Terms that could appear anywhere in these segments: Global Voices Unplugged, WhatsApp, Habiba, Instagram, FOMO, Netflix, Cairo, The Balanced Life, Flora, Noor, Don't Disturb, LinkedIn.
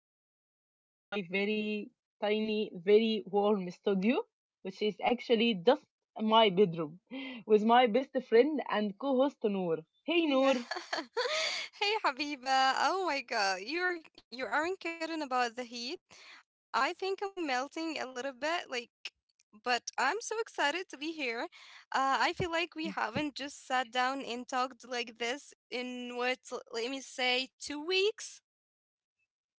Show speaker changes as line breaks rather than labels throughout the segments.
sitting here in my very tiny, very warm studio, which is actually just my bedroom, with my best friend and co-host Noor. Hey Noor.
Yeah. Hey, Habiba. Oh my God. You aren't kidding about the heat. I think I'm melting a little bit, like, but I'm so excited to be here. I feel like we haven't just sat down and talked like this in what, let me say, 2 weeks.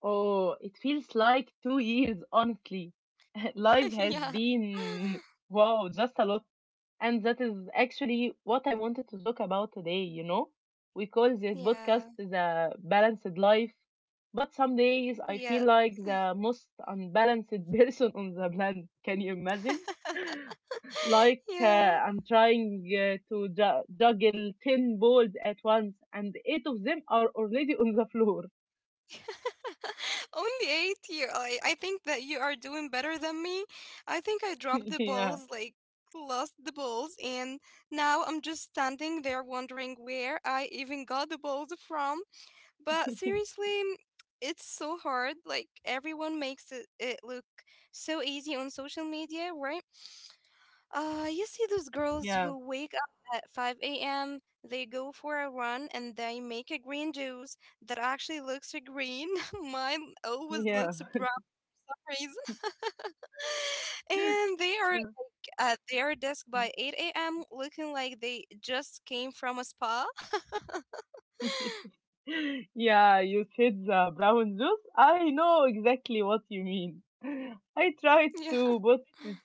Oh, it feels like 2 years, honestly. Life
Yeah.
has been, wow, just a lot. And that is actually what I wanted to talk about today, you know? We call this
Yeah.
podcast the balanced life, but some days
Yeah.
I feel like the most unbalanced person on the planet. Can you imagine? Like
Yeah.
I'm trying to juggle 10 balls at once, and eight of them are already on the floor.
Only 8 year. I think that you are doing better than me. I think I dropped the
Yeah,
balls, like lost the balls, and now I'm just standing there wondering where I even got the balls from. But seriously, it's so hard. Like everyone makes it look so easy on social media, right? You see those girls
yeah,
who wake up at 5 a.m., they go for a run and they make a green juice that actually looks green. Mine always
yeah.
looks brown for some reason. And they are like, at their desk by 8 a.m. looking like they just came from a spa.
Yeah, you said the brown juice. I know exactly what you mean. I tried
Yeah,
to put this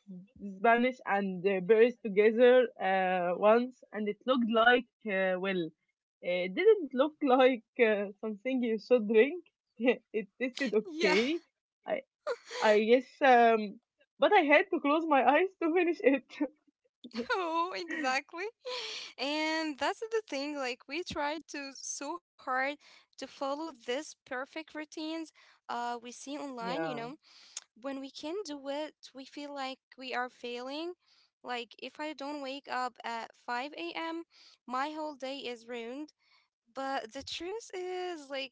Spanish and berries together once, and it looked like, well, it didn't look like something you should drink. It tasted
yeah.
okay, I I guess, but I had to close my eyes to finish it.
Oh, exactly. And that's the thing, like we try to so hard to follow this perfect routines we see online,
Yeah.
when we can do it, we feel like we are failing. Like, if I don't wake up at 5 a.m., my whole day is ruined. But the truth is, like,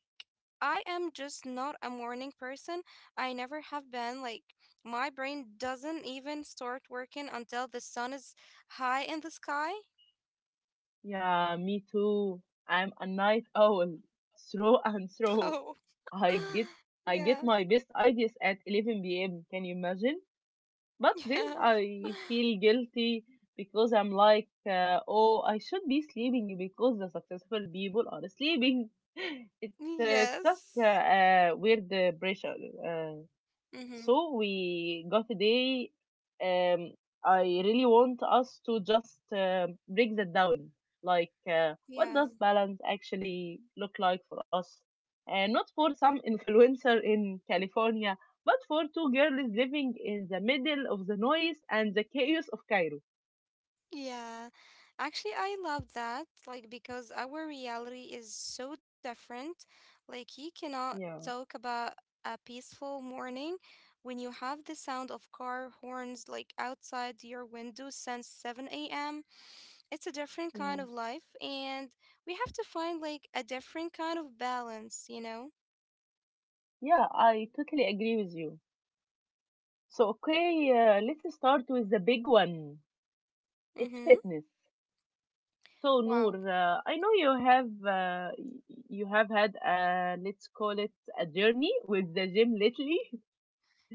I am just not a morning person. I never have been. Like, my brain doesn't even start working until the sun is high in the sky.
Yeah, me too. I'm a night owl, through and through.
Oh,
I get I
yeah,
get my best ideas at 11 p.m. Can you imagine? But then
yeah,
I feel guilty because I'm like, oh, I should be sleeping because the successful people are sleeping. It's it's just
yes.
weird pressure. Uh,
Mm-hmm.
so we got a day. Um, I really want us to just break that down. Like, what
Yeah.
does balance actually look like for us? And not for some influencer in California, but for two girls living in the middle of the noise and the chaos of Cairo.
Yeah, actually, I love that. Like, because our reality is so different. Like, you cannot
Yeah,
talk about a peaceful morning when you have the sound of car horns like outside your window since 7 a.m. It's a different kind
yeah,
of life, and we have to find like a different kind of balance, you know?
yeah. I totally agree with you. So, okay, let's start with the big one. It's
Mm-hmm.
fitness. So
Wow.
Noor, I know you have you have had a let's call it a journey with the gym lately.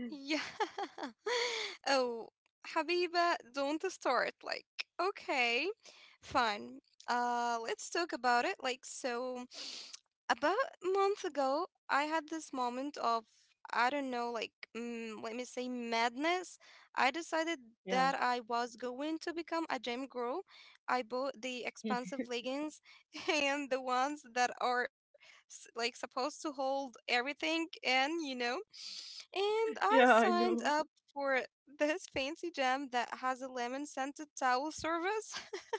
Yeah. Oh, Habiba, don't start. Like, okay, fine. Let's talk about it. Like, so about a month ago, I had this moment of, I don't know, like, let me say madness. I decided
Yeah,
that I was going to become a gym girl. I bought the expensive leggings and the ones that are like supposed to hold everything in. And I
yeah, I
signed
know.
up for this fancy gym that has a lemon scented towel service.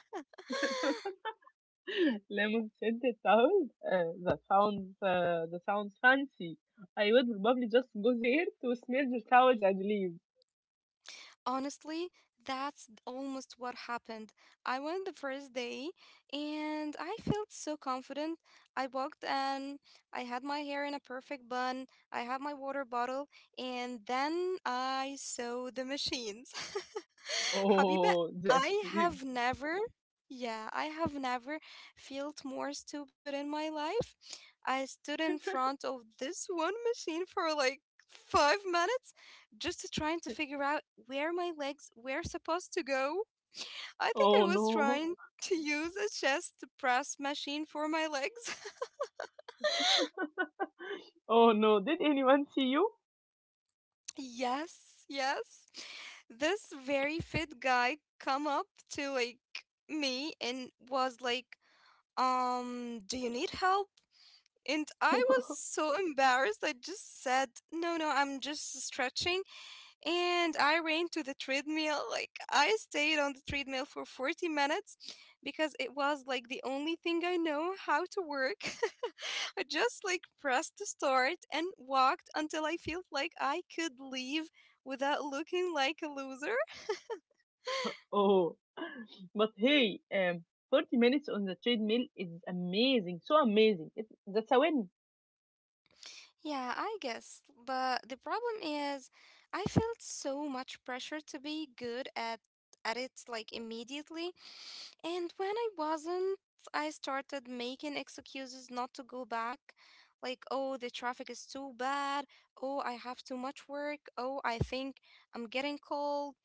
Lemon scented towels. That sounds fancy. I would probably just go there to smell the towels and leave.
Honestly, that's almost what happened. I went the first day and I felt so confident. I walked in, I had my hair in a perfect bun, I had my water bottle, and then I saw the machines. Habiba,
Oh, that's
I
it.
have never, yeah, I have never felt more stupid in my life. I stood in front of this one machine for like 5 minutes just to trying to figure out where my legs were supposed to go. I think I
Oh
was
no.
trying to use a chest press machine for my legs.
Oh no. Did anyone see you?
Yes, yes. This very fit guy come up to like me and was like, "Do you need help?" And I was so embarrassed. I just said, "No, no, I'm just stretching," and I ran to the treadmill. Like I stayed on the treadmill for 40 minutes because it was like the only thing I know how to work. I just like pressed the start and walked until I felt like I could leave without looking like a loser.
Oh, but hey, 40 minutes on the treadmill is amazing. So amazing. That's a win.
Yeah, I guess. But the problem is I felt so much pressure to be good at it like immediately. And when I wasn't, I started making excuses not to go back. Like, oh, the traffic is too bad. Oh, I have too much work. Oh, I think I'm getting cold.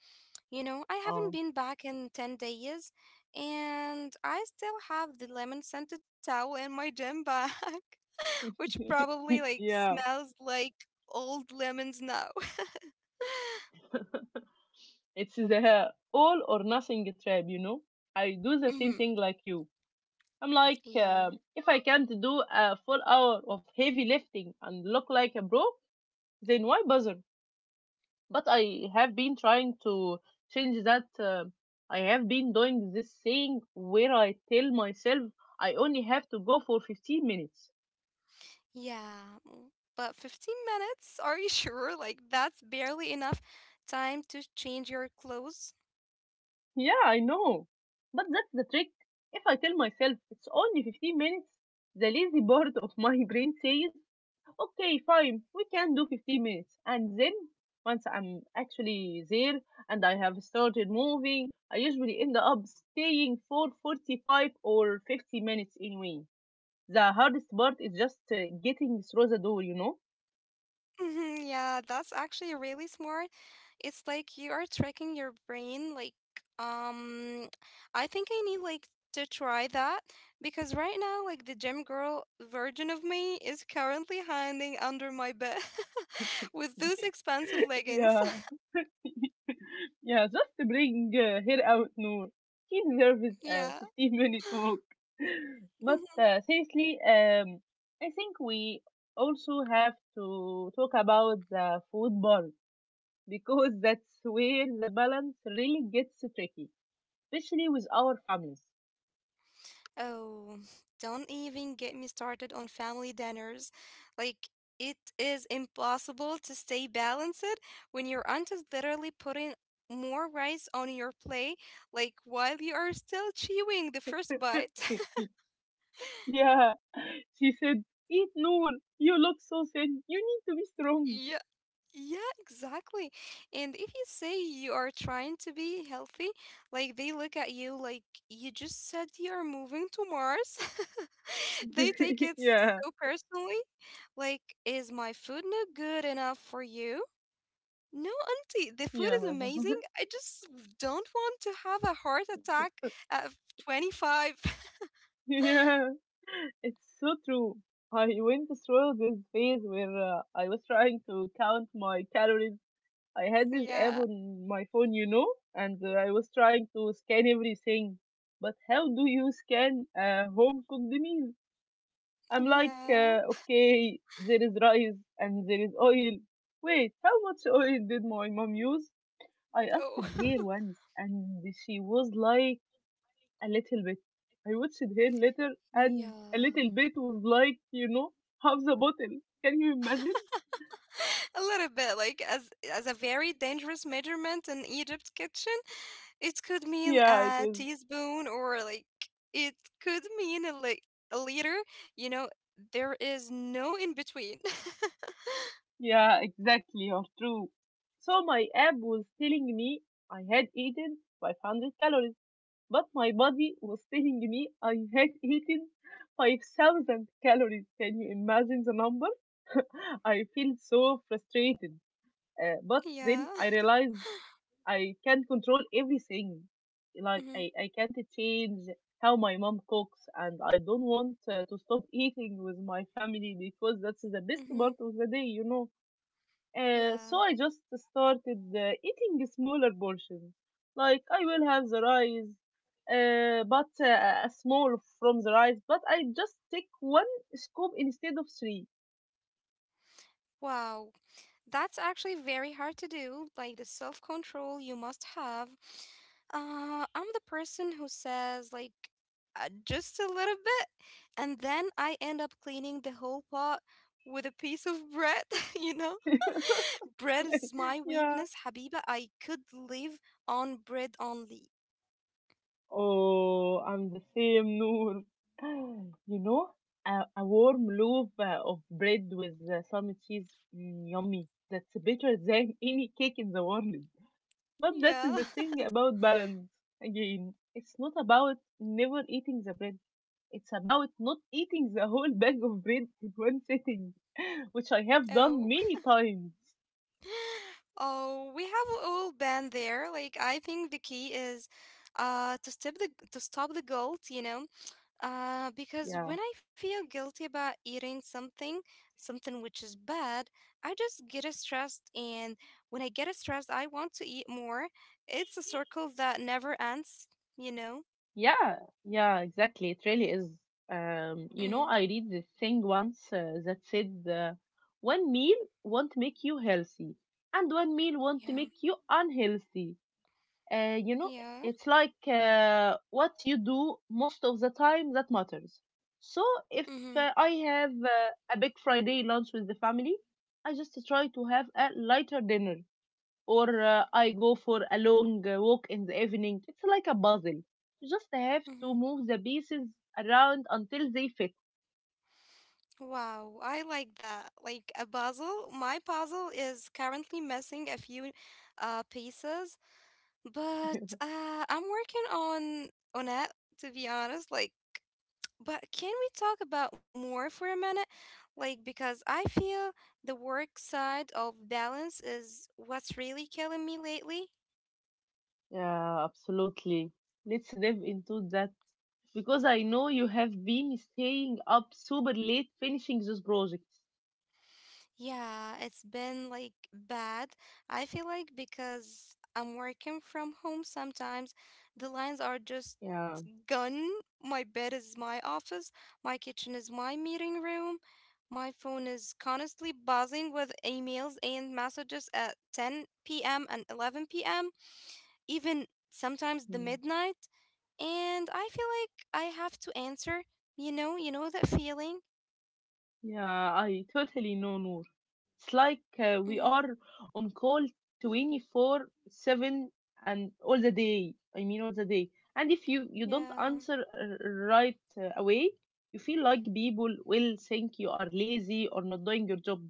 You know, I haven't
Oh.
been back in 10 days and I still have the lemon scented towel in my gym bag, which probably like
Yeah,
smells like old lemons now.
it's the all or nothing trap. I do the same
Hmm.
thing like you. I'm like,
Yeah.
if I can't do a full hour of heavy lifting and look like a bro, then why bother? But I have been trying to change that. I have been doing this thing where I tell myself I only have to go for 15 minutes.
Yeah, but 15 minutes? Are you sure? Like, that's barely enough time to change your clothes.
Yeah, I know. But that's the trick. If I tell myself it's only 15 minutes, the lazy part of my brain says, okay, fine, we can do 15 minutes. And then, once I'm actually there and I have started moving, I usually end up staying for 45 or 50 minutes anyway. The hardest part is just getting through the door, you know?
Mhm. Yeah, that's actually really smart. It's like you are tracking your brain. Like, um, I think I need like to try that because right now, like, the gym girl version of me is currently hiding under my bed with those expensive leggings.
Yeah, Yeah, just to bring her out, Noor. She deserves a
Yeah.
15-minute walk. But seriously, I think we also have to talk about the food bar because that's where the balance really gets tricky, especially with our families.
Oh, don't even get me started on family dinners. Like, it is impossible to stay balanced when your aunt is literally putting more rice on your plate, like while you are still chewing the first bite.
Yeah, she said, Eat Noor, you look so thin, you need to be strong.
Yeah, exactly. And if you say you are trying to be healthy, like they look at you like you just said you're moving to Mars. They take it
Yeah,
so personally. Like, is my food not good enough for you? No, auntie, the food is
yeah.
amazing. I just don't want to have a heart attack at 25.
Yeah, it's so true. I went through this phase where I was trying to count my calories. I had this app
Yeah,
on my phone, and I was trying to scan everything. But how do you scan a home cooked meal? I'm like,
yeah.
okay, there is rice and there is oil. Wait, how much oil did my mom use? I asked her
Oh,
once, and she was like, a little bit. I watched her later, and
yeah.
a little bit was like, half the bottle. Can you imagine?
A little bit, like as a very dangerous measurement in Egypt kitchen, it could mean
Yeah, it
a
is.
teaspoon or like it could mean a liter. You know, there is no in between.
Yeah, exactly. You're true. So my app was telling me I had eaten 500 calories, but my body was telling me I had eaten 5,000 calories. Can you imagine the number? I feel so frustrated. But
Yeah.
then I realized I can control everything. Like
Hmm,
I can't change how my mom cooks, and I don't want to stop eating with my family because that's the best
hmm.
part of the day. Uh,
Yeah.
so I just started eating smaller portions. Like I will have the rice, but a small from the rice, but I just take one scoop instead of three.
Wow. That's actually very hard to do, like the self control you must have. I'm the person who says, like, just a little bit, and then I end up cleaning the whole pot with a piece of bread, you know? Bread is my
Yeah.
weakness, Habiba. I could live on bread only.
Oh, I'm the same, Noor. You know, a warm loaf of bread with some cheese, yummy. That's better than any cake in the world. But that's
Yeah.
the thing about balance. Again, it's not about never eating the bread. It's about not eating the whole bag of bread in one sitting, which I have
Oh.
done many times.
Oh, we have all been there. Like I think the key is to stop the guilt, you know? Because
Yeah.
when I feel guilty about eating something which is bad, I just get a stressed. And when I get a stressed, I want to eat more. It's a circle that never ends, you know?
Yeah, yeah, exactly. It really is.
Mm-hmm.
I read this thing once that said one meal won't make you healthy, and one meal
Yeah.
won't make you unhealthy. Uh, you know,
Yeah.
it's like what you do most of the time that matters. So if
Mm-hmm.
I have a big Friday lunch with the family, I just try to have a lighter dinner or I go for a long walk in the evening. It's like a puzzle. You just have to
Mm-hmm.
move the pieces around until they fit.
Wow, I like that. Like a puzzle. My puzzle is currently missing a few pieces, but I'm working on it to be honest. Like, but can we talk about more for a minute? Like, because I feel the work side of balance is what's really killing me lately.
Yeah, absolutely. Let's dive into that because I know you have been staying up super late finishing this project.
Yeah, it's been like bad. I feel like because I'm working from home sometimes, the lines are just
Yeah,
gone. My bed is my office, my kitchen is my meeting room. My phone is constantly buzzing with emails and messages at 10 p.m. and 11 p.m., even sometimes the
mm,
midnight, and I feel like I have to answer, you know? You know that feeling?
yeah, I totally know, Noor. It's like we
Hmm.
are on call 24/7 and all the day. I mean, all the day. And if you don't
Yeah,
answer right away, you feel like people will think you are lazy or not doing your job.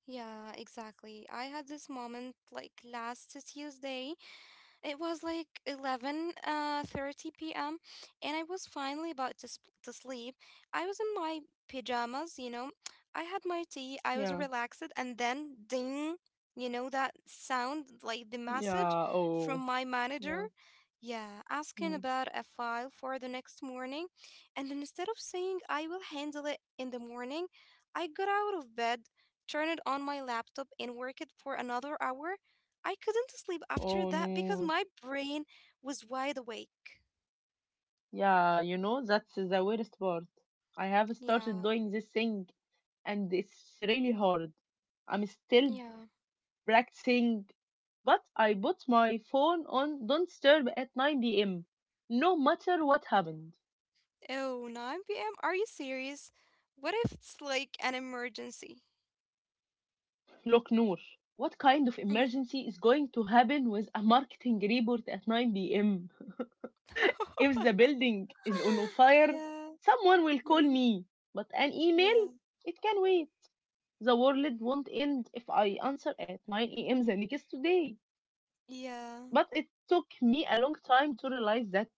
yeah, exactly. I had this moment like last Tuesday. It was like 11 30 p.m. and I was finally about to sleep. I was in my pajamas. I had my tea, I was
Yeah,
relaxed, and then ding, you know, that sound like the message
yeah,
from
oh,
my manager.
yeah.
Yeah, asking
Mm.
about a file for the next morning. And instead of saying I will handle it in the morning, I got out of bed, turned on my laptop, and worked for another hour. I couldn't sleep after
Oh,
that because
no.
my brain was wide awake.
Yeah, that's the worst part. I have started
Yeah.
doing this thing and it's really hard. I'm still
Yeah.
practicing, but I put my phone on Don't Disturb at 9 p.m., no matter what happened.
Oh, 9 p.m. Are you serious? What if it's like an emergency?
Look, Noor, what kind of
Mhm.
emergency is going to happen with a marketing report at 9 p.m.? If the building is on fire,
Yeah.
someone will call
Mhm.
me, but an
Yeah.
email? It can wait. The world won't end if I answer at 9 a.m. the next day.
Yeah.
But it took me a long time to realize that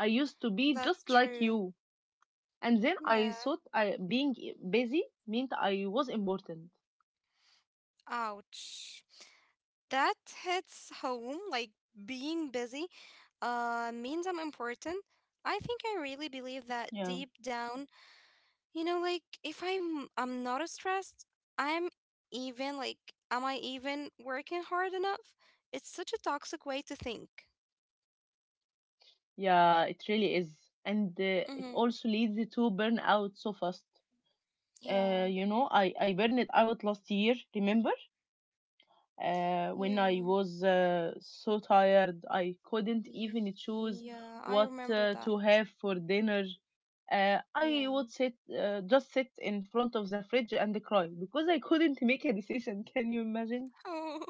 I used to be
That's
just like
true.
you. And then I
Yeah.
thought I being busy meant I was important.
Ouch. That hits home. Like being busy means I'm important. I think I really believe that
Yeah.
deep down. You know, like if I'm not as stressed, I'm even like, am I even working hard enough? It's such a toxic way to think.
Yeah, it really is. And it
Mm-hmm.
also leads to burnout so fast.
Yeah.
I burned out last year, remember, when
Yeah.
I was so tired I couldn't even choose
Yeah, I
what
remember
to
that.
have for dinner. I
Yeah.
would sit just sit in front of the fridge and cry because I couldn't make a decision. Can you imagine?
Oh.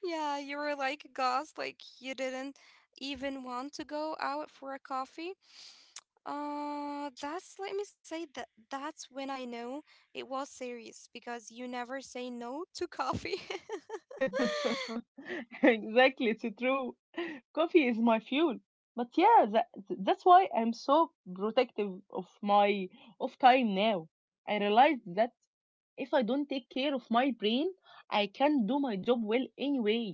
Yeah, you were like a ghost, like you didn't even want to go out for a coffee. That's let me say that that's when I know it was serious because you never say no to coffee.
Exactly, it's true. Coffee is my fuel. But yeah, that's why I'm so protective of my of time now. I realized that if I don't take care of my brain, I can't do my job well anyway.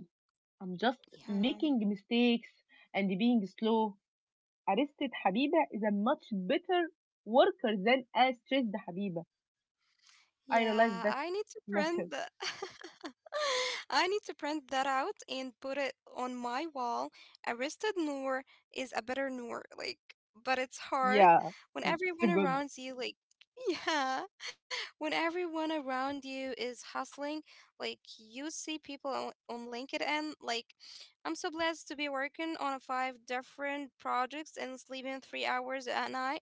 I'm just
Yeah.
making mistakes and being slow. Arrested Habiba is a much better worker than a stressed Habiba. I
Yeah,
realized
I
that
need to print that.
later.
I need to print that out and put it on my wall. Arrested Noor is a better Noor, like, but it's hard
Yeah,
when
it's
everyone
good.
around you, like, yeah, when everyone around you is hustling, like, you see people on LinkedIn, like, I'm so blessed to be working on a five different projects and sleeping 3 hours at night.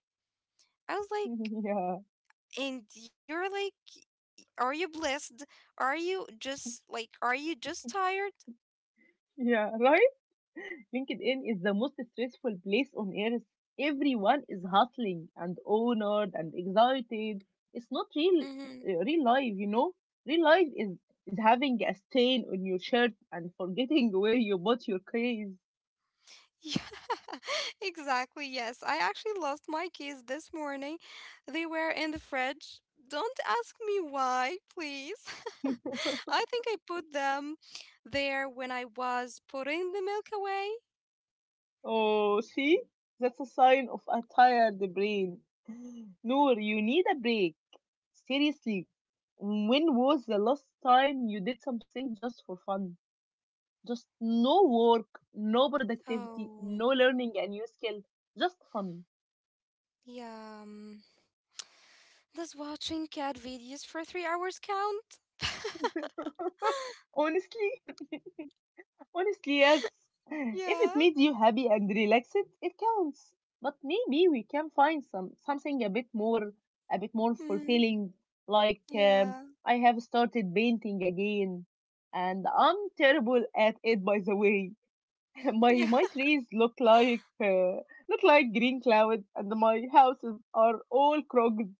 I was like,
Yeah,
and you're like, are you blessed? Are you just tired?
yeah, right. LinkedIn is the most stressful place on earth. Everyone is hustling and honored and excited. It's not
Mm-hmm.
real life. Real life is having a stain on your shirt and forgetting where you bought your case.
Yeah, exactly. Yes, I actually lost my keys this morning. They were in the fridge. Don't ask me why, please. I think I put them there when I was putting the milk away.
Oh, see, that's a sign of a tired brain. Noor, you need a break. Seriously, when was the last time you did something just for fun? Just no work, no productivity,
Oh,
no learning a new skill, just fun.
yeah. Does watching cat videos for 3 hours count?
Honestly, honestly, yes. If it
Yeah.
made you happy and relaxed, it counts. But maybe we can find something a bit more
Mm,
fulfilling. Like
yeah.
I have started painting again, and I'm terrible at it. By the way, my
Yeah.
my trees look like green clouds, and my houses are all crooked.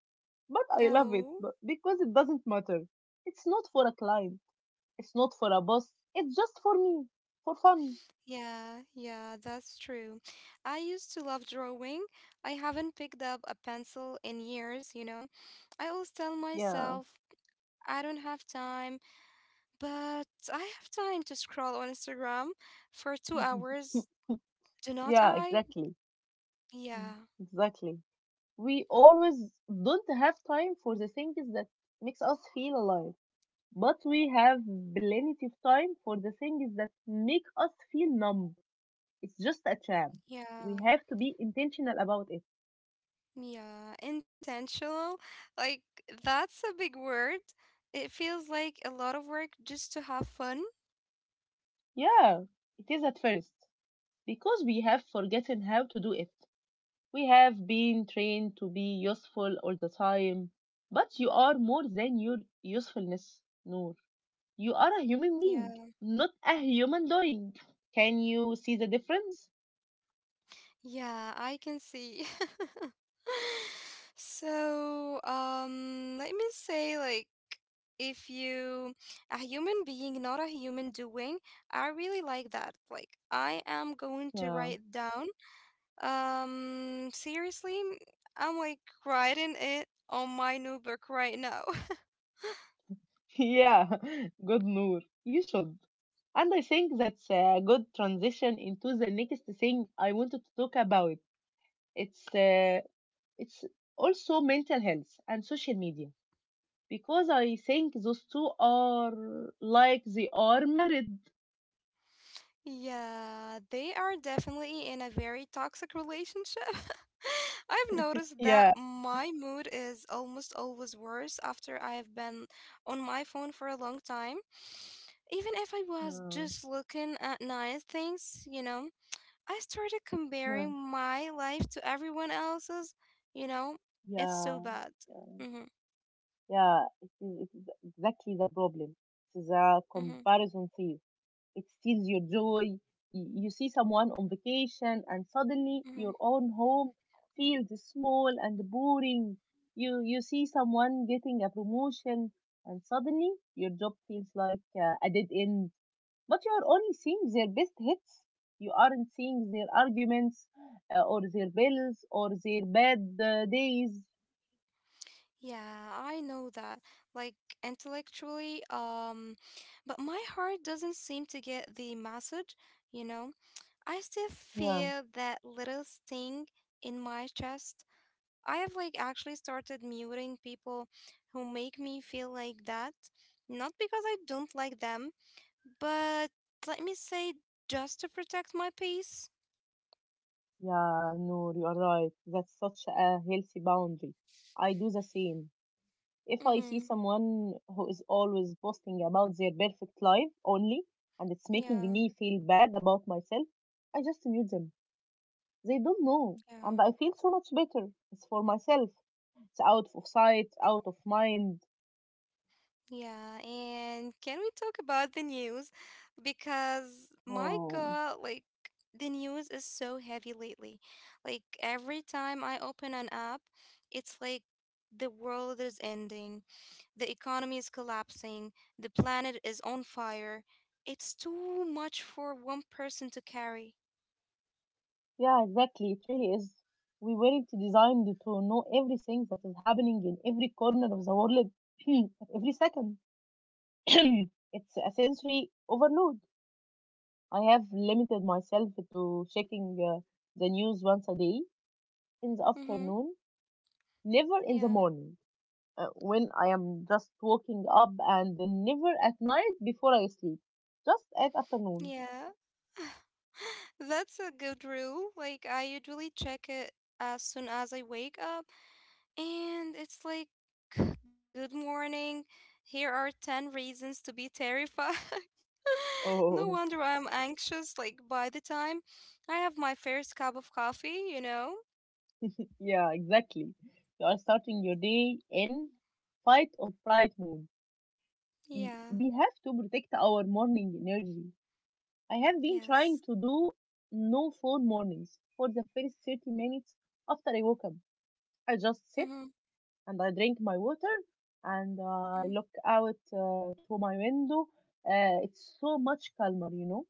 But I love it
Oh,
but because it doesn't matter. It's not for a client. It's not for a boss. It's just for me, for fun.
yeah, yeah, that's true. I used to love drawing. I haven't picked up a pencil in years. I always tell
Yeah.
myself I don't have time, but I have time to scroll on Instagram for two hours. Do not
Yeah,
I?
exactly. Mm.
Yeah,
Exactly. We always don't have time for the things that makes us feel alive, but we have plenty of time for the things that make us feel numb. It's just a trap. We
yeah.
have to be intentional about it.
Yeah, intentional. Like, that's a big word. It feels like a lot of work just to have fun.
Yeah, it is at first because we have forgotten how to do it. We have been trained to be useful all the time, but you are more than your usefulness, Noor. You are a human being,
Yeah,
not a human doing. Can you see the difference?
yeah, I can see. So, let me say, if you a human being, not a human doing, I really like that. Like, I am going to
Yeah.
write down. Seriously, I'm like writing it on my notebook right now.
Yeah, good Noor. You should. And I think that's a good transition into the next thing I wanted to talk about. It's uh, it's also mental health and social media because I think those two are like they are married.
Yeah, they are definitely in a very toxic relationship. I've noticed that
Yeah.
my mood is almost always worse after I've been on my phone for a long time. Even if I was
Mm.
just looking at nice things, you know, I started
Yeah.
comparing my life to everyone else's, you know, it's so
Yeah.
bad.
Yeah.
Mm-hmm,
Yeah. It is exactly the problem. It is a
mm-hmm,
comparison thief. It steals your joy. You see someone on vacation, and suddenly your
mm-hmm.
own home feels small and boring. You see someone getting a promotion, and suddenly your job feels like a dead end. But you are only seeing their best hits. You aren't seeing their arguments or their bills or their bad days.
Yeah, I know that. Like intellectually, but my heart doesn't seem to get the message, you know? I still
Yeah,
feel that little sting in my chest. I have like actually started muting people who make me feel like that. Not because I don't like them, but let me say just to protect my peace.
yeah, no, you are right. That's such a healthy boundary. I do the same. If I
Mm-hmm.
see someone who is always boasting about their perfect life only and it's making
Yeah,
me feel bad about myself, I just mute them. They don't know,
yeah.
and I feel so much better. It's for myself. It's out of sight, out of mind.
Yeah, and can we talk about the news? Because my
Oh,
god, like the news is so heavy lately. Like every time I open an app, it's like the world is ending, the economy is collapsing, the planet is on fire. It's too much for one person to carry.
yeah, exactly. It really is. We weren't designed to know everything that is happening in every corner of the world at every second. It's a sensory overload. I have limited myself to checking the news once a day in the
Mm-hmm.
afternoon, never in the
Yeah.
morning when I am just waking up, and never at night before I sleep, just at afternoon.
Yeah. That's a good rule. Like I usually check it as soon as I wake up. And it's like, good morning. Here are 10 reasons to be terrified. No
Oh,
wonder I'm anxious. Like, by the time I have my first cup of coffee, you know?
yeah, exactly. You are starting your day in fight or flight mode.
Yeah,
We have to protect our morning energy. I have been
yes.
trying to do no phone mornings for the first 30 minutes after I woke up. I just sit
Mm-hmm.
and I drink my water and I look out to my window. It's so much calmer, you know?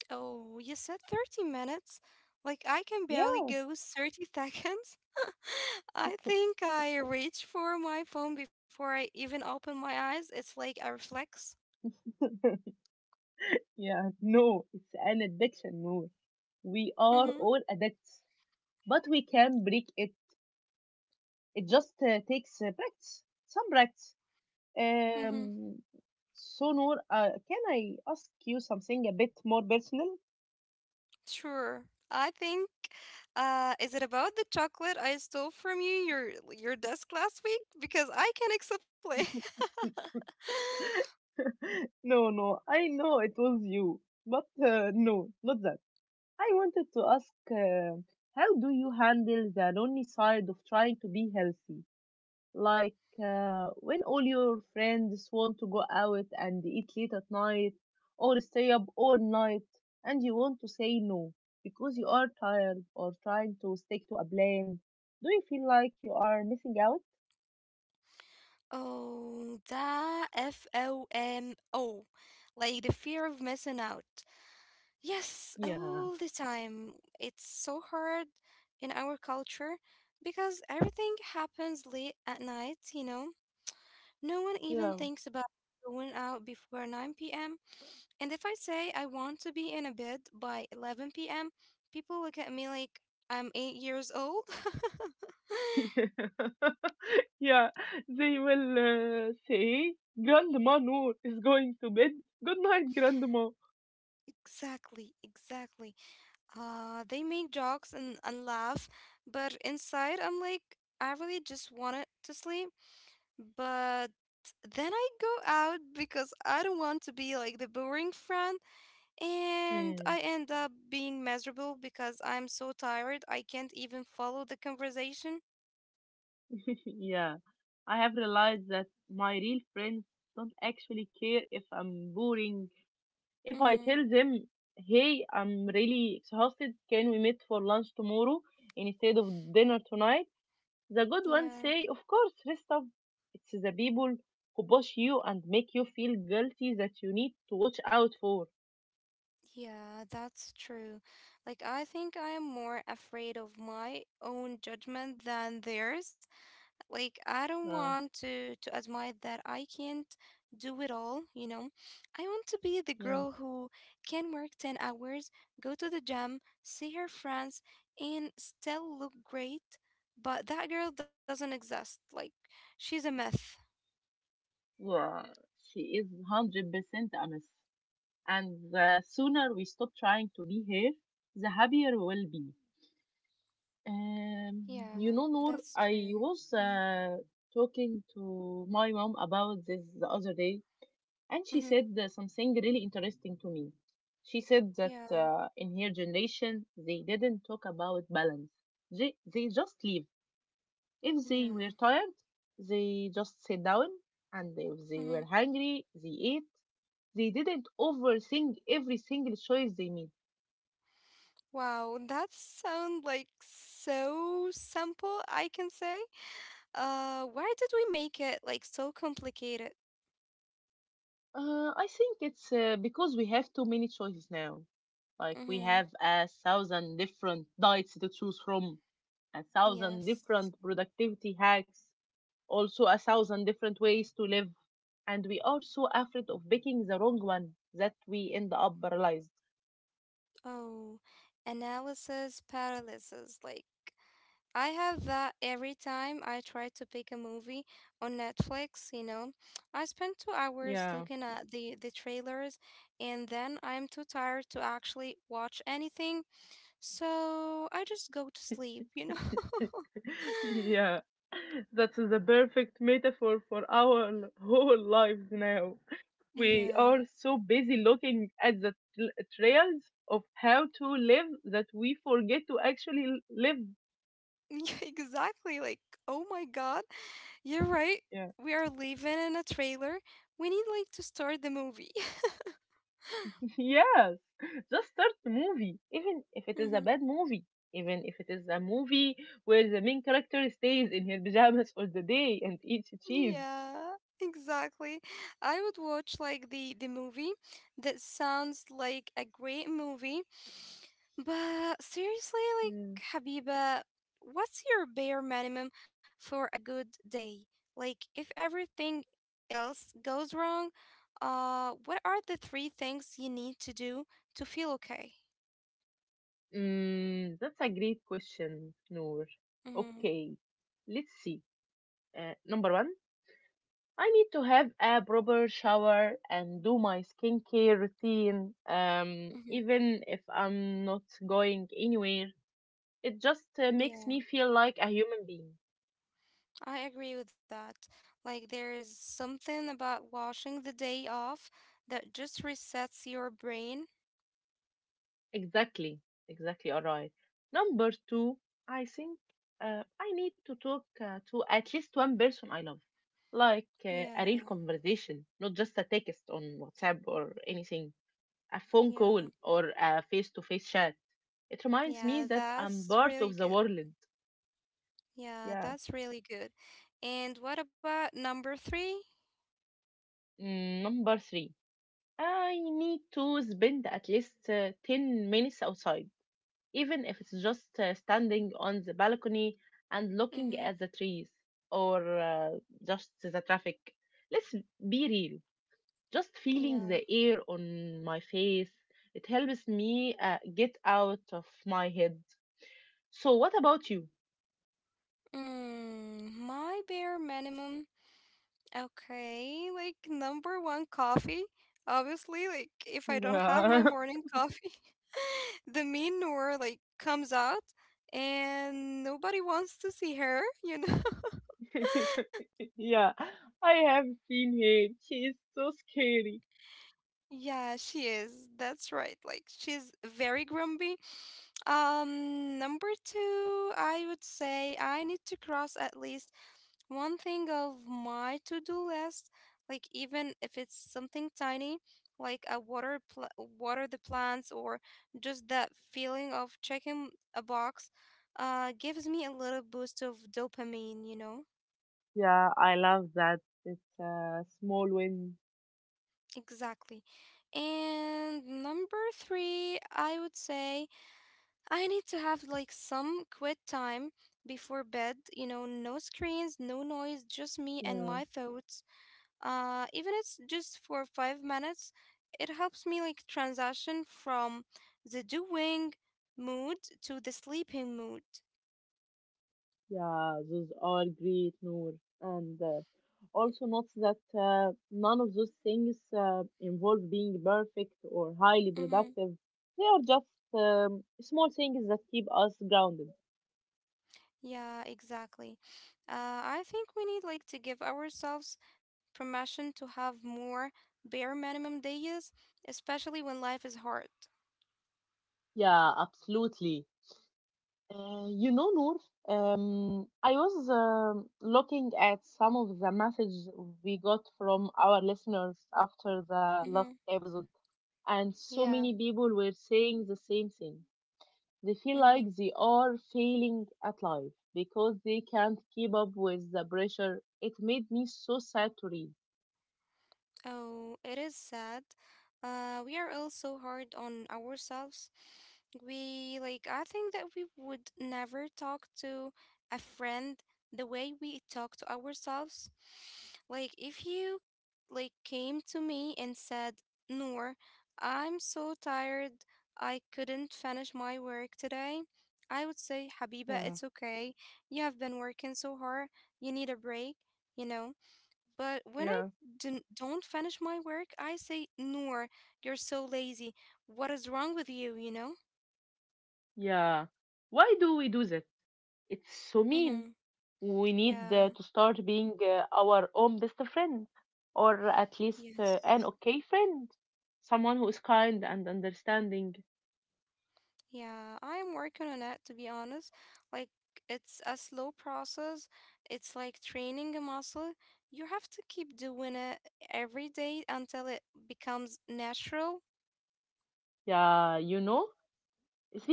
Oh, you said 30 minutes? Like, I can barely
Yeah,
go 30 seconds. I think I reach for my phone before I even open my eyes. It's like a reflex.
yeah, no, it's an addiction, Noor. We are
Mm-hmm.
all addicts, but we can break it. It just takes practice, some practice.
Mm-hmm.
Um, so, Noor, can I ask you something a bit more personal?
Sure. I think, is it about the chocolate I stole from your desk last week? Because I can explain.
No, no, I know it was you, but no, not that. I wanted to ask how do you handle the lonely side of trying to be healthy? Like when all your friends want to go out and eat late at night or stay up all night and you want to say no because you are tired or trying to stick to a plan, do you feel like you are missing out?
Oh, that FOMO, like the fear of missing out. Yes,
yeah
all the time. It's so hard in our culture because everything happens late at night. You know, no one even
yeah
thinks about going out before nine p.m. And if I say I want to be in a bed by 11 p.m., people look at me like I'm 8 years old.
yeah, they will say, Grandma Noor is going to bed. Good night, Grandma.
Exactly, exactly. They make jokes and laugh, but inside I'm like, I really just wanted to sleep. But then I go out because I don't want to be like the boring friend, and I end up being miserable because I'm so tired I can't even follow the conversation.
yeah, I have realized that my real friends don't actually care if I'm boring. If I
Mm-hmm.
tell them, hey, I'm really exhausted, can we meet for lunch tomorrow instead of dinner tonight? The good
Yeah.
ones say, of course, rest up. It's the people who push you and make you feel guilty that you need to watch out for.
Yeah, that's true. Like, I think I'm more afraid of my own judgment than theirs. Like, I don't
Uh,
want to admit that I can't do it all, you know. I want to be the
yeah.
girl who can work 10 hours, go to the gym, see her friends, and still look great. But that girl doesn't exist. Like, she's a myth.
Yeah, she is 100% honest. And the sooner we stop trying to be her, the happier we'll be. Um,
Yeah,
you know, Noor,
that's
I
true.
was
Mm-hmm.
talking to my mom about this the other day, and she
Mm-hmm.
said something really interesting to me. She said that
Yeah,
in her generation, they didn't talk about balance. They just live. If they
yeah.
were tired, they just sat down, and if they
Mm-hmm.
were hungry, they ate. They didn't overthink every single choice they made.
Wow, that sound like so simple, I can say. Why did we make it like so complicated?
I think it's because we have too many choices now. Like we
Mm-hmm.
have a thousand different diets to choose from, a thousand
Yes.
different productivity hacks, also a thousand different ways to live, and we are so afraid of picking the wrong one that we end up paralyzed.
Oh, analysis paralysis. Like, I have that every time I try to pick a movie on Netflix, you know. I spend 2 hours
Yeah.
looking at the trailers and then I'm too tired to actually watch anything, so I just go to sleep, you know.
Yeah, that's the perfect metaphor for our whole lives now. We
Yeah.
are so busy looking at the trails of how to live that we forget to actually live.
Yeah, exactly. Like, oh my God, you're right.
Yeah.
We are living in a trailer. We need like to start the movie.
yes. Just start the movie, even if it is a
Hmm.
bad movie, even if it is a movie where the main character stays in her pajamas for the day and eats cheese.
Yeah, exactly. I would watch like the movie that sounds like a great movie. But seriously, like,
Yeah.
Habiba, what's your bare minimum for a good day? Like, if everything else goes wrong, what are the three things you need to do to feel okay?
Mm, that's a great question, Noor.
Mm-hmm.
Okay, let's see. Number one, I need to have a proper shower and do my skincare routine.
Mm-hmm.
Even if I'm not going anywhere, it just makes me
Yeah,
feel like a human being.
I agree with that. Like, there is something about washing the day off that just resets your brain.
Exactly, exactly. All right. Number two, I think I need to talk to at least one person I love, like a real
Yeah,
conversation, not just a text on WhatsApp or anything, a phone call
yeah,
or a face-to-face chat. It reminds me
yeah,
that I'm
that's
part of the
really
world.
good.
Yeah.
Yeah, that's really good. And what about number three?
Mm, number three, I need to spend at least 10 minutes outside, even if it's just standing on the balcony and looking at
Mm-hmm.
the trees or just the traffic. Let's be real, just feeling the
Yeah.
air on my face. It helps me get out of my head. So, what about you?
Mm, my bare minimum. Okay, like number one, coffee. Obviously, like if I don't have my
Yeah.
morning coffee, the mean Noor like comes out and nobody wants to see her, you know?
yeah, I have seen him. She is so scary.
Yeah, she is. That's right. Like she's very grumpy. Number two, I would say I need to cross at least one thing of my to-do list, like even if it's something tiny, like water the plants or just that feeling of checking a box, gives me a little boost of dopamine, you know?
Yeah, I love that. It's a small win.
Exactly. And number three, I would say I need to have like some quiet time before bed, you know, no screens, no noise, just me and
Yeah,
my thoughts. Uh, even it's just for 5 minutes, it helps me like transition from the doing mood to the sleeping mood.
yeah, those are great, Noor. And also note that none of those things involve being perfect or highly
Mm-hmm.
productive. They are just small things that keep us grounded.
Yeah, exactly. I think we need like to give ourselves permission to have more bare minimum days, especially when life is hard.
Yeah, absolutely. You know, Noor, I was looking at some of the messages we got from our listeners after the last
Mm-hmm.
episode, and so
Yeah.
many people were saying the same thing. They feel
Mm-hmm.
like they are failing at life because they can't keep up with the pressure. It made me so sad to read.
Oh, it is sad. We are all so hard on ourselves. We like I think that we would never talk to a friend the way we talk to ourselves. Like if you like came to me and said, "Noor, I'm so tired. I couldn't finish my work today." I would say, "Habiba,
Yeah,
it's okay. You have been working so hard. You need a break." You know. But when I
yeah,
don't finish my work, I say, Noor, you're so lazy. What is wrong with you, you know?
yeah. Why do we do that? It's so mean.
Mm-hmm.
We need
Yeah,
to start being our own best friend, or at least
yes.
an okay friend, someone who is kind and understanding.
Yeah, I am working on it, to be honest. Like, it's a slow process. It's like training a muscle. You have to keep doing it every day until it becomes natural.
Yeah, you know?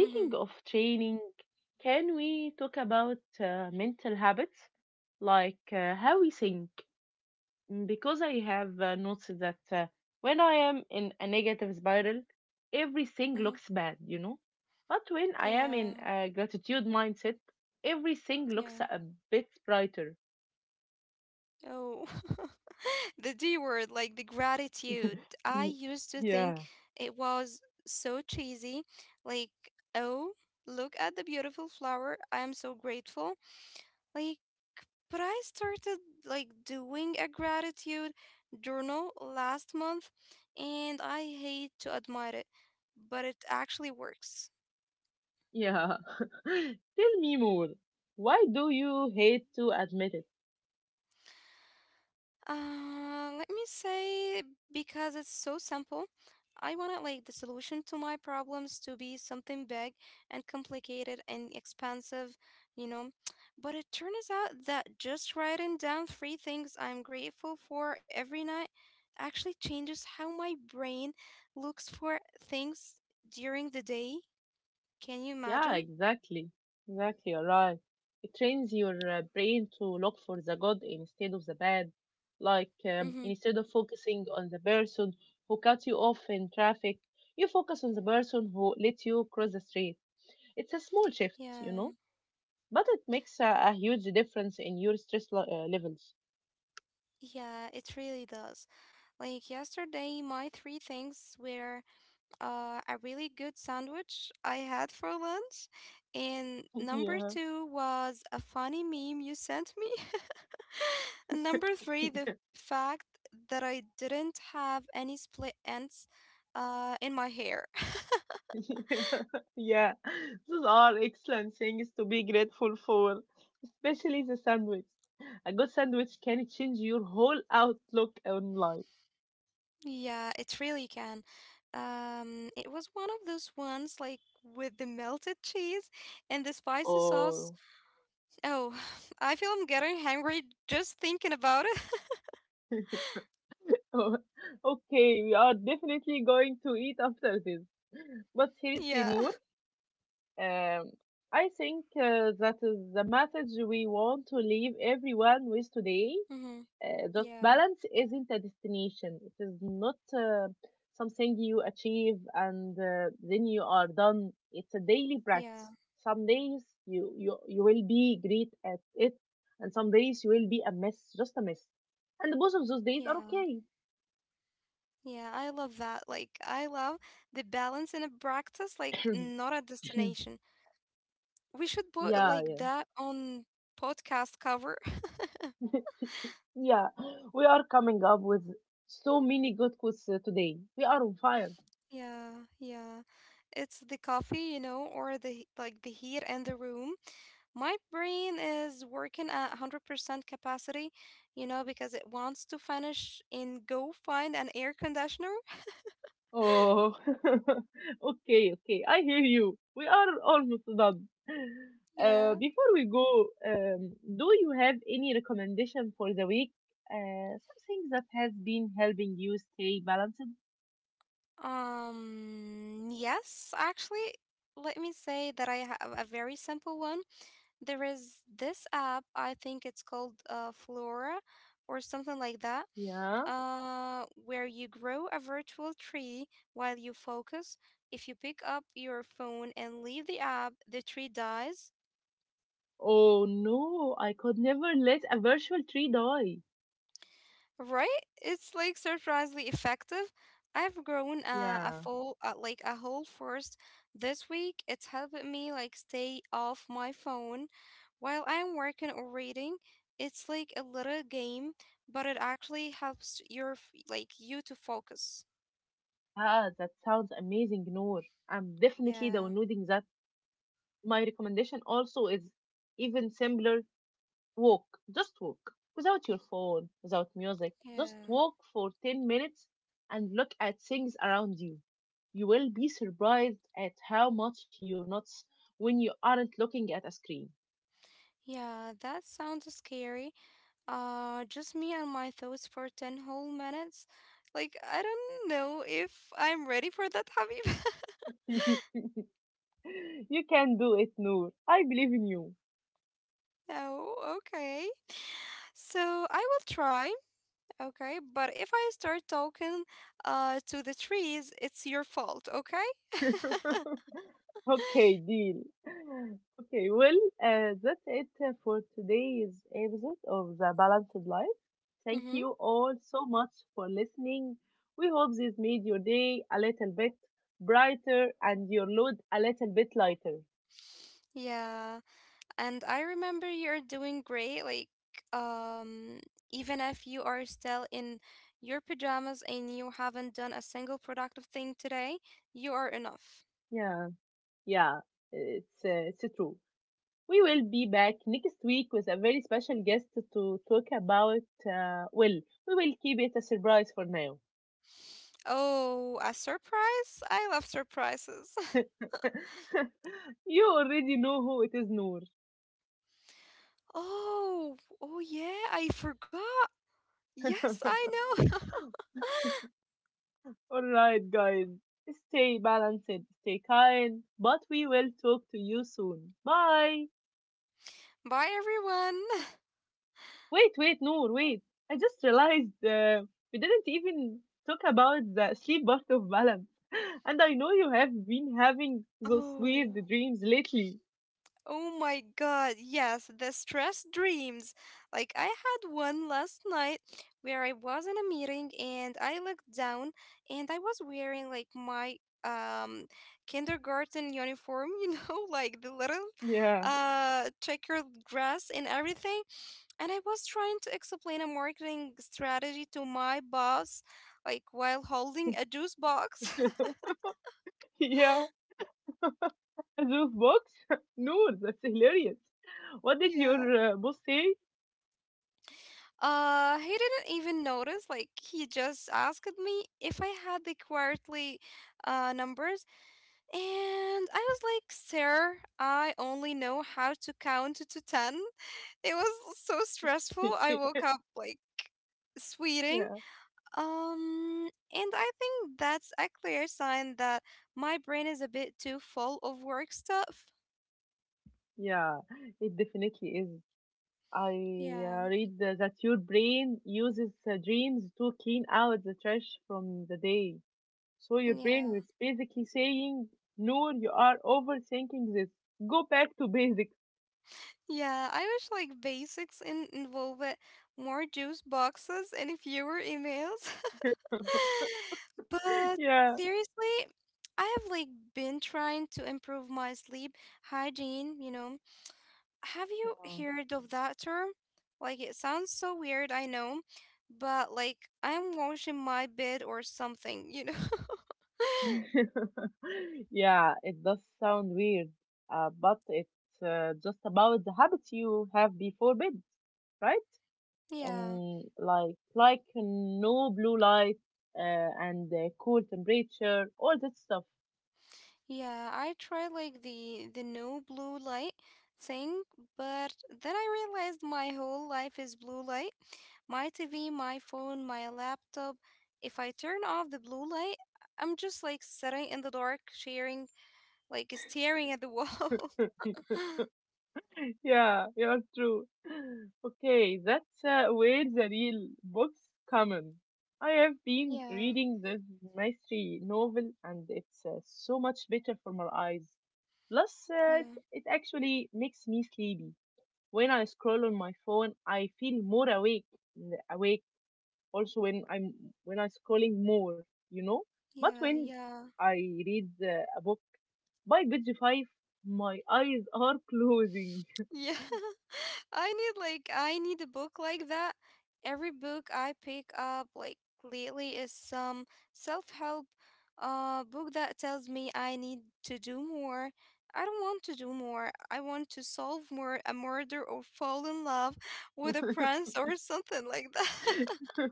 Mm-hmm.
of training, can we talk about mental habits, like how we think? Mm, because I have noticed that when I am in a negative spiral, everything
Mm-hmm.
looks bad, you know? But when I am in
Yeah,
a gratitude mindset, everything looks
yeah.
a bit brighter.
Oh, the D word, like the gratitude. I used to think
yeah,
it was so cheesy. Like, oh, look at the beautiful flower. I am so grateful. Like, but I started like doing a gratitude journal last month and I hate to admit it, but it actually works.
yeah. Tell me more. Why do you hate to admit it?
Let me say because it's so simple. I wanted like the solution to my problems to be something big and complicated and expensive, you know. But it turns out that just writing down three things I'm grateful for every night actually changes how my brain looks for things during the day. Can you
Yeah,
imagine?
exactly. Exactly, you're right. It trains your brain to look for the good instead of the bad. Like,
Mm-hmm.
instead of focusing on the person who cut you off in traffic, you focus on the person who let you cross the street. It's a small shift, you
Yeah.
know, but it makes a huge difference in your stress levels.
Yeah, it really does. Like yesterday, my three things were a really good sandwich I had for lunch. And number
Yeah.
two was a funny meme you sent me. And number three, the fact that I didn't have any split ends in my hair.
Yeah, yeah. Those are excellent things to be grateful for, especially the sandwich. A good sandwich can change your whole outlook on life.
Yeah, it really can. It was one of those ones like with the melted cheese and the spicy sauce.
Oh,
Oh, I feel I'm getting hungry just thinking about it.
okay, we are definitely going to eat after this. But seriously,
Yeah.
Noor, um, I think that is the message we want to leave everyone with today.
Mm-hmm.
Just
Yeah.
balance isn't a destination. It is not something you achieve and then you are done. It's a daily
Yeah.
practice. Some days you will be great at it, and some days you will be a mess, just a mess. And both of those days are
Yeah.
okay.
Yeah, I love that. Like, I love the balance in a practice, like, not a destination. We should put
yeah,
like that on podcast cover.
yeah, yeah. We are coming up with so many good quotes today. We are on fire.
Yeah. It's the coffee, you know, or the he- like the heat in the room. My brain is working at 100% capacity, you know, because it wants to finish and go find an air conditioner.
Oh, okay, okay. I hear you. We are almost done.
Yeah.
Before we go, do you have any recommendation for the week? Something that has been helping you stay balanced?
Yes, actually, let me say that I have a very simple one. There is this app, I think it's called Flora or something like that,
Yeah.
where you grow a virtual tree while you focus. If you pick up your phone and leave the app, the tree dies.
Oh no, I could never let a virtual tree die.
Right? It's like surprisingly effective. I've grown a
Yeah.
full, like a whole forest this week. It's helping me like stay off my phone while I'm working or reading. It's like a little game, but it actually helps your f- like you to focus.
Ah, that sounds amazing, Noor. I'm definitely
Yeah,
downloading that. My recommendation also is even simpler. Walk, just walk, without your phone, without music. Just
yeah,
walk for 10 minutes and look at things around you. You will be surprised at how much you notice when you aren't looking at a screen.
yeah. That sounds scary. Just me and my thoughts for 10 whole minutes. Like I don't know if I'm ready for that, Habib.
you can do it, Noor. I believe in you.
Oh, okay. So I will try, okay? But if I start talking to the trees, it's your fault, okay?
Okay, deal. Okay, well, that's it for today's episode of The Balanced Life. Thank
Mm-hmm.
you all so much for listening. We hope this made your day a little bit brighter and your load a little bit lighter.
Yeah. And I remember you're doing great, like um even if you are still in your pajamas and you haven't done a single productive thing today, you are enough.
Yeah, yeah, it's true. We will be back next week with a very special guest to talk about. Well, we will keep it a surprise for now.
Oh, a surprise? I love surprises.
you already know who it is, Noor.
Oh, oh yeah, I forgot. Yes, I know.
Alright, guys. Stay balanced, stay kind, but we will talk to you soon. Bye.
Bye, everyone.
Wait, wait, Noor, wait. I just realized we didn't even talk about the sleep part of balance. And I know you have been having those
Oh,
weird dreams lately.
oh my God. Yes, the stress dreams. Like, I had one last night where I was in a meeting and I looked down and I was wearing like my um kindergarten uniform, you know, like the little
Yeah.
checkered dress and everything. And I was trying to explain a marketing strategy to my boss, like while holding a juice box.
Yeah. Those Roof box? Noor, that's hilarious. What did your boss say?
He didn't even notice. Like he just asked me if I had the quarterly numbers, and I was like, "Sir, I only know how to count to 10." It was so stressful. I woke up like
yeah.
sweating. And I think that's a clear sign that my brain is a bit too full of work stuff.
Yeah, it definitely is. I
Yeah,
read that your brain uses dreams to clean out the trash from the day. So your
yeah.
brain was basically saying, Noor, you are overthinking this. Go back to basics.
Yeah, I wish like basics in involve more juice boxes and fewer emails. But
Yeah.
seriously, I have been trying to improve my sleep hygiene, you know. Have you
Wow.
heard of that term? Like it sounds so weird, I know, but like I'm washing my bed or something, you know.
yeah, it does sound weird, but it's just about the habits you have before bed, right?
Yeah.
Like no blue light uh, and cool temperature, all that stuff.
Yeah, I tried like the no blue light thing, but then I realized my whole life is blue light. My TV, my phone, my laptop. If I turn off the blue light, I'm just like sitting in the dark, sharing, like staring at the wall.
Yeah, you're true. Okay, that's where the real books come in. I have been
yeah,
reading this mystery novel, and it's so much better for my eyes. Plus, it,
yeah,
it actually makes me sleepy. When I scroll on my phone, I feel more awake, awake. Also, when I'm scrolling more, you know. But
yeah,
when
yeah.
I read a book, by page five, my eyes are closing.
Yeah, I need a book like that. Every book I pick up like lately is some self-help book that tells me I need to do more. I don't want to do more. I want to solve more a murder or fall in love with a prince or something like that.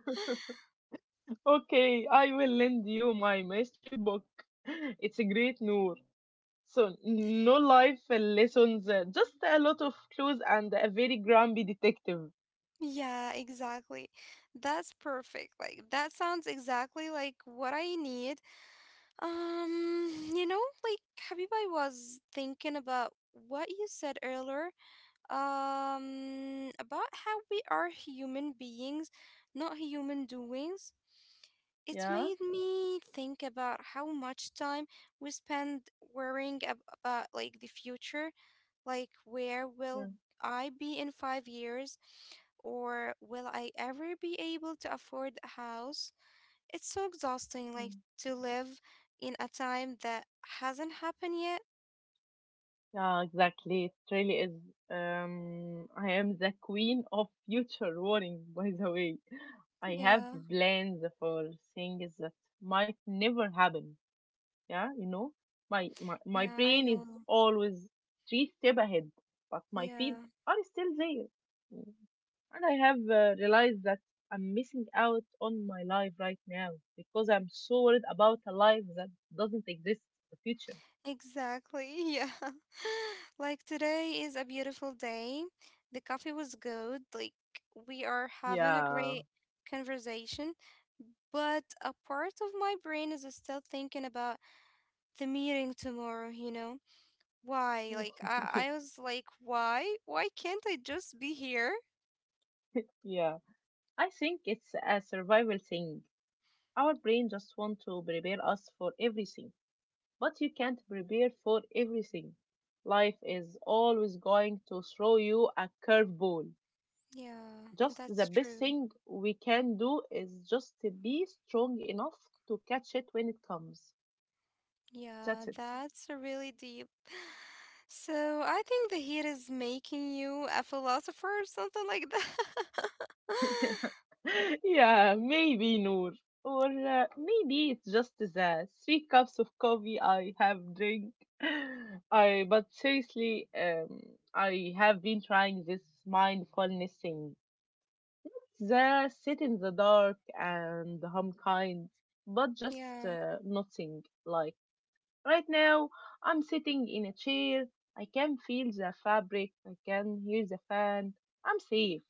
Okay, I will lend you my mystery book. It's a great Noor. So, no life lessons, just a lot of clues and a very grumpy detective.
Yeah, exactly. That's perfect. Like that sounds exactly like what I need. You know, like Habib, I was thinking about what you said earlier, about how we are human beings, not human doings. It
Yeah,
made me think about how much time we spend worrying about like the future, like where
yeah,
will I be in 5 years, or will I ever be able to afford a house? It's so exhausting,
yeah,
like to live in a time that hasn't happened yet.
Yeah, exactly. It really is. I am the queen of future warning, by the way. I have
Yeah,
plans for things that might never happen. Yeah, you know, my
yeah, I
brain is
know.
always three step ahead, but my
Yeah,
feet are still there. Mm. And I have realized that I'm missing out on my life right now because I'm so worried about a life that doesn't exist, the future.
exactly. Yeah. Like today is a beautiful day. The coffee was good. Like we are having a
Yeah,
great conversation, but a part of my brain is still thinking about the meeting tomorrow, you know? Why? Like I I was like, why? Why can't I just be here?
yeah, I think it's a survival thing. Our brain just want to prepare us for everything, but you can't prepare for everything. Life is always going to throw you a curveball.
Yeah,
Just the
that's
best
true.
thing we can do is just to be strong enough to catch it when it comes. That's
Yeah, that's really deep. So I think the heat is making you a philosopher or something like that.
it. yeah, maybe Noor. Or maybe it's just the three cups of coffee I have drink. I but seriously, I have been trying this mindfulness thing. The sit in the dark and hum kind, but
Yeah,
just nothing. Like right now, I'm sitting in a chair. I can feel the fabric. I can hear the fan. I'm safe.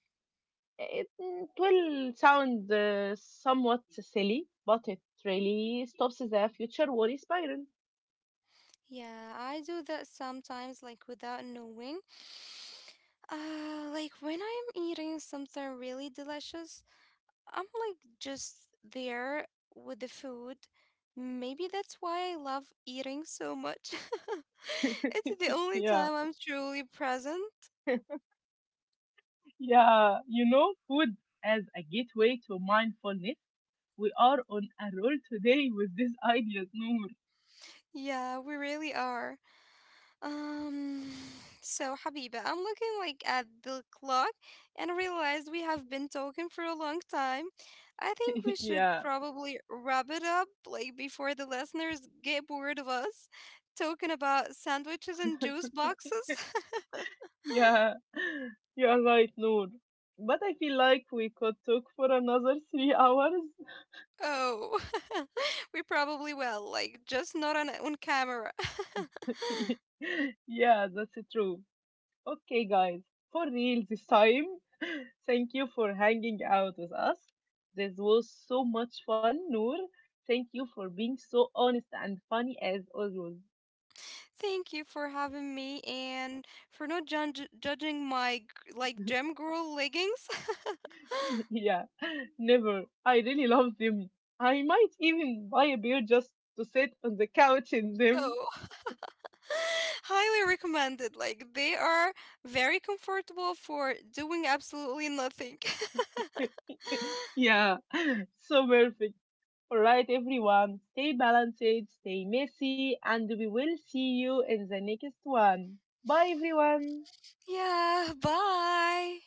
It, it will sound somewhat silly, but it really stops the future worry spiral.
yeah, I do that sometimes, like without knowing. Like when I'm eating something really delicious, I'm like just there with the food. Maybe that's why I love eating so much. It's the only
Yeah,
time I'm truly present.
yeah. You know, food as a gateway to mindfulness. We are on a roll today with this idea, Noor.
Yeah, we really are. Um, so Habiba, I'm looking like at the clock and I realized we have been talking for a long time. I think we should
yeah.
probably wrap it up like before the listeners get bored of us talking about sandwiches and juice boxes.
Yeah, you're right, Noor. But I feel like we could talk for another 3 hours.
Oh, we probably will, like just not on camera.
yeah, that's true. Okay, guys, for real this time, thank you for hanging out with us. This was so much fun, Noor. Thank you for being so honest and funny as always.
Thank you for having me and for not judge judging my gem girl leggings.
yeah, never. I really love them. I might even buy a beer just to sit on the couch in them.
Oh, highly recommended. Like they are very comfortable for doing absolutely nothing.
Yeah, so perfect. All right, everyone, stay balanced, stay messy, and we will see you in the next one. Bye, everyone.
Yeah, bye.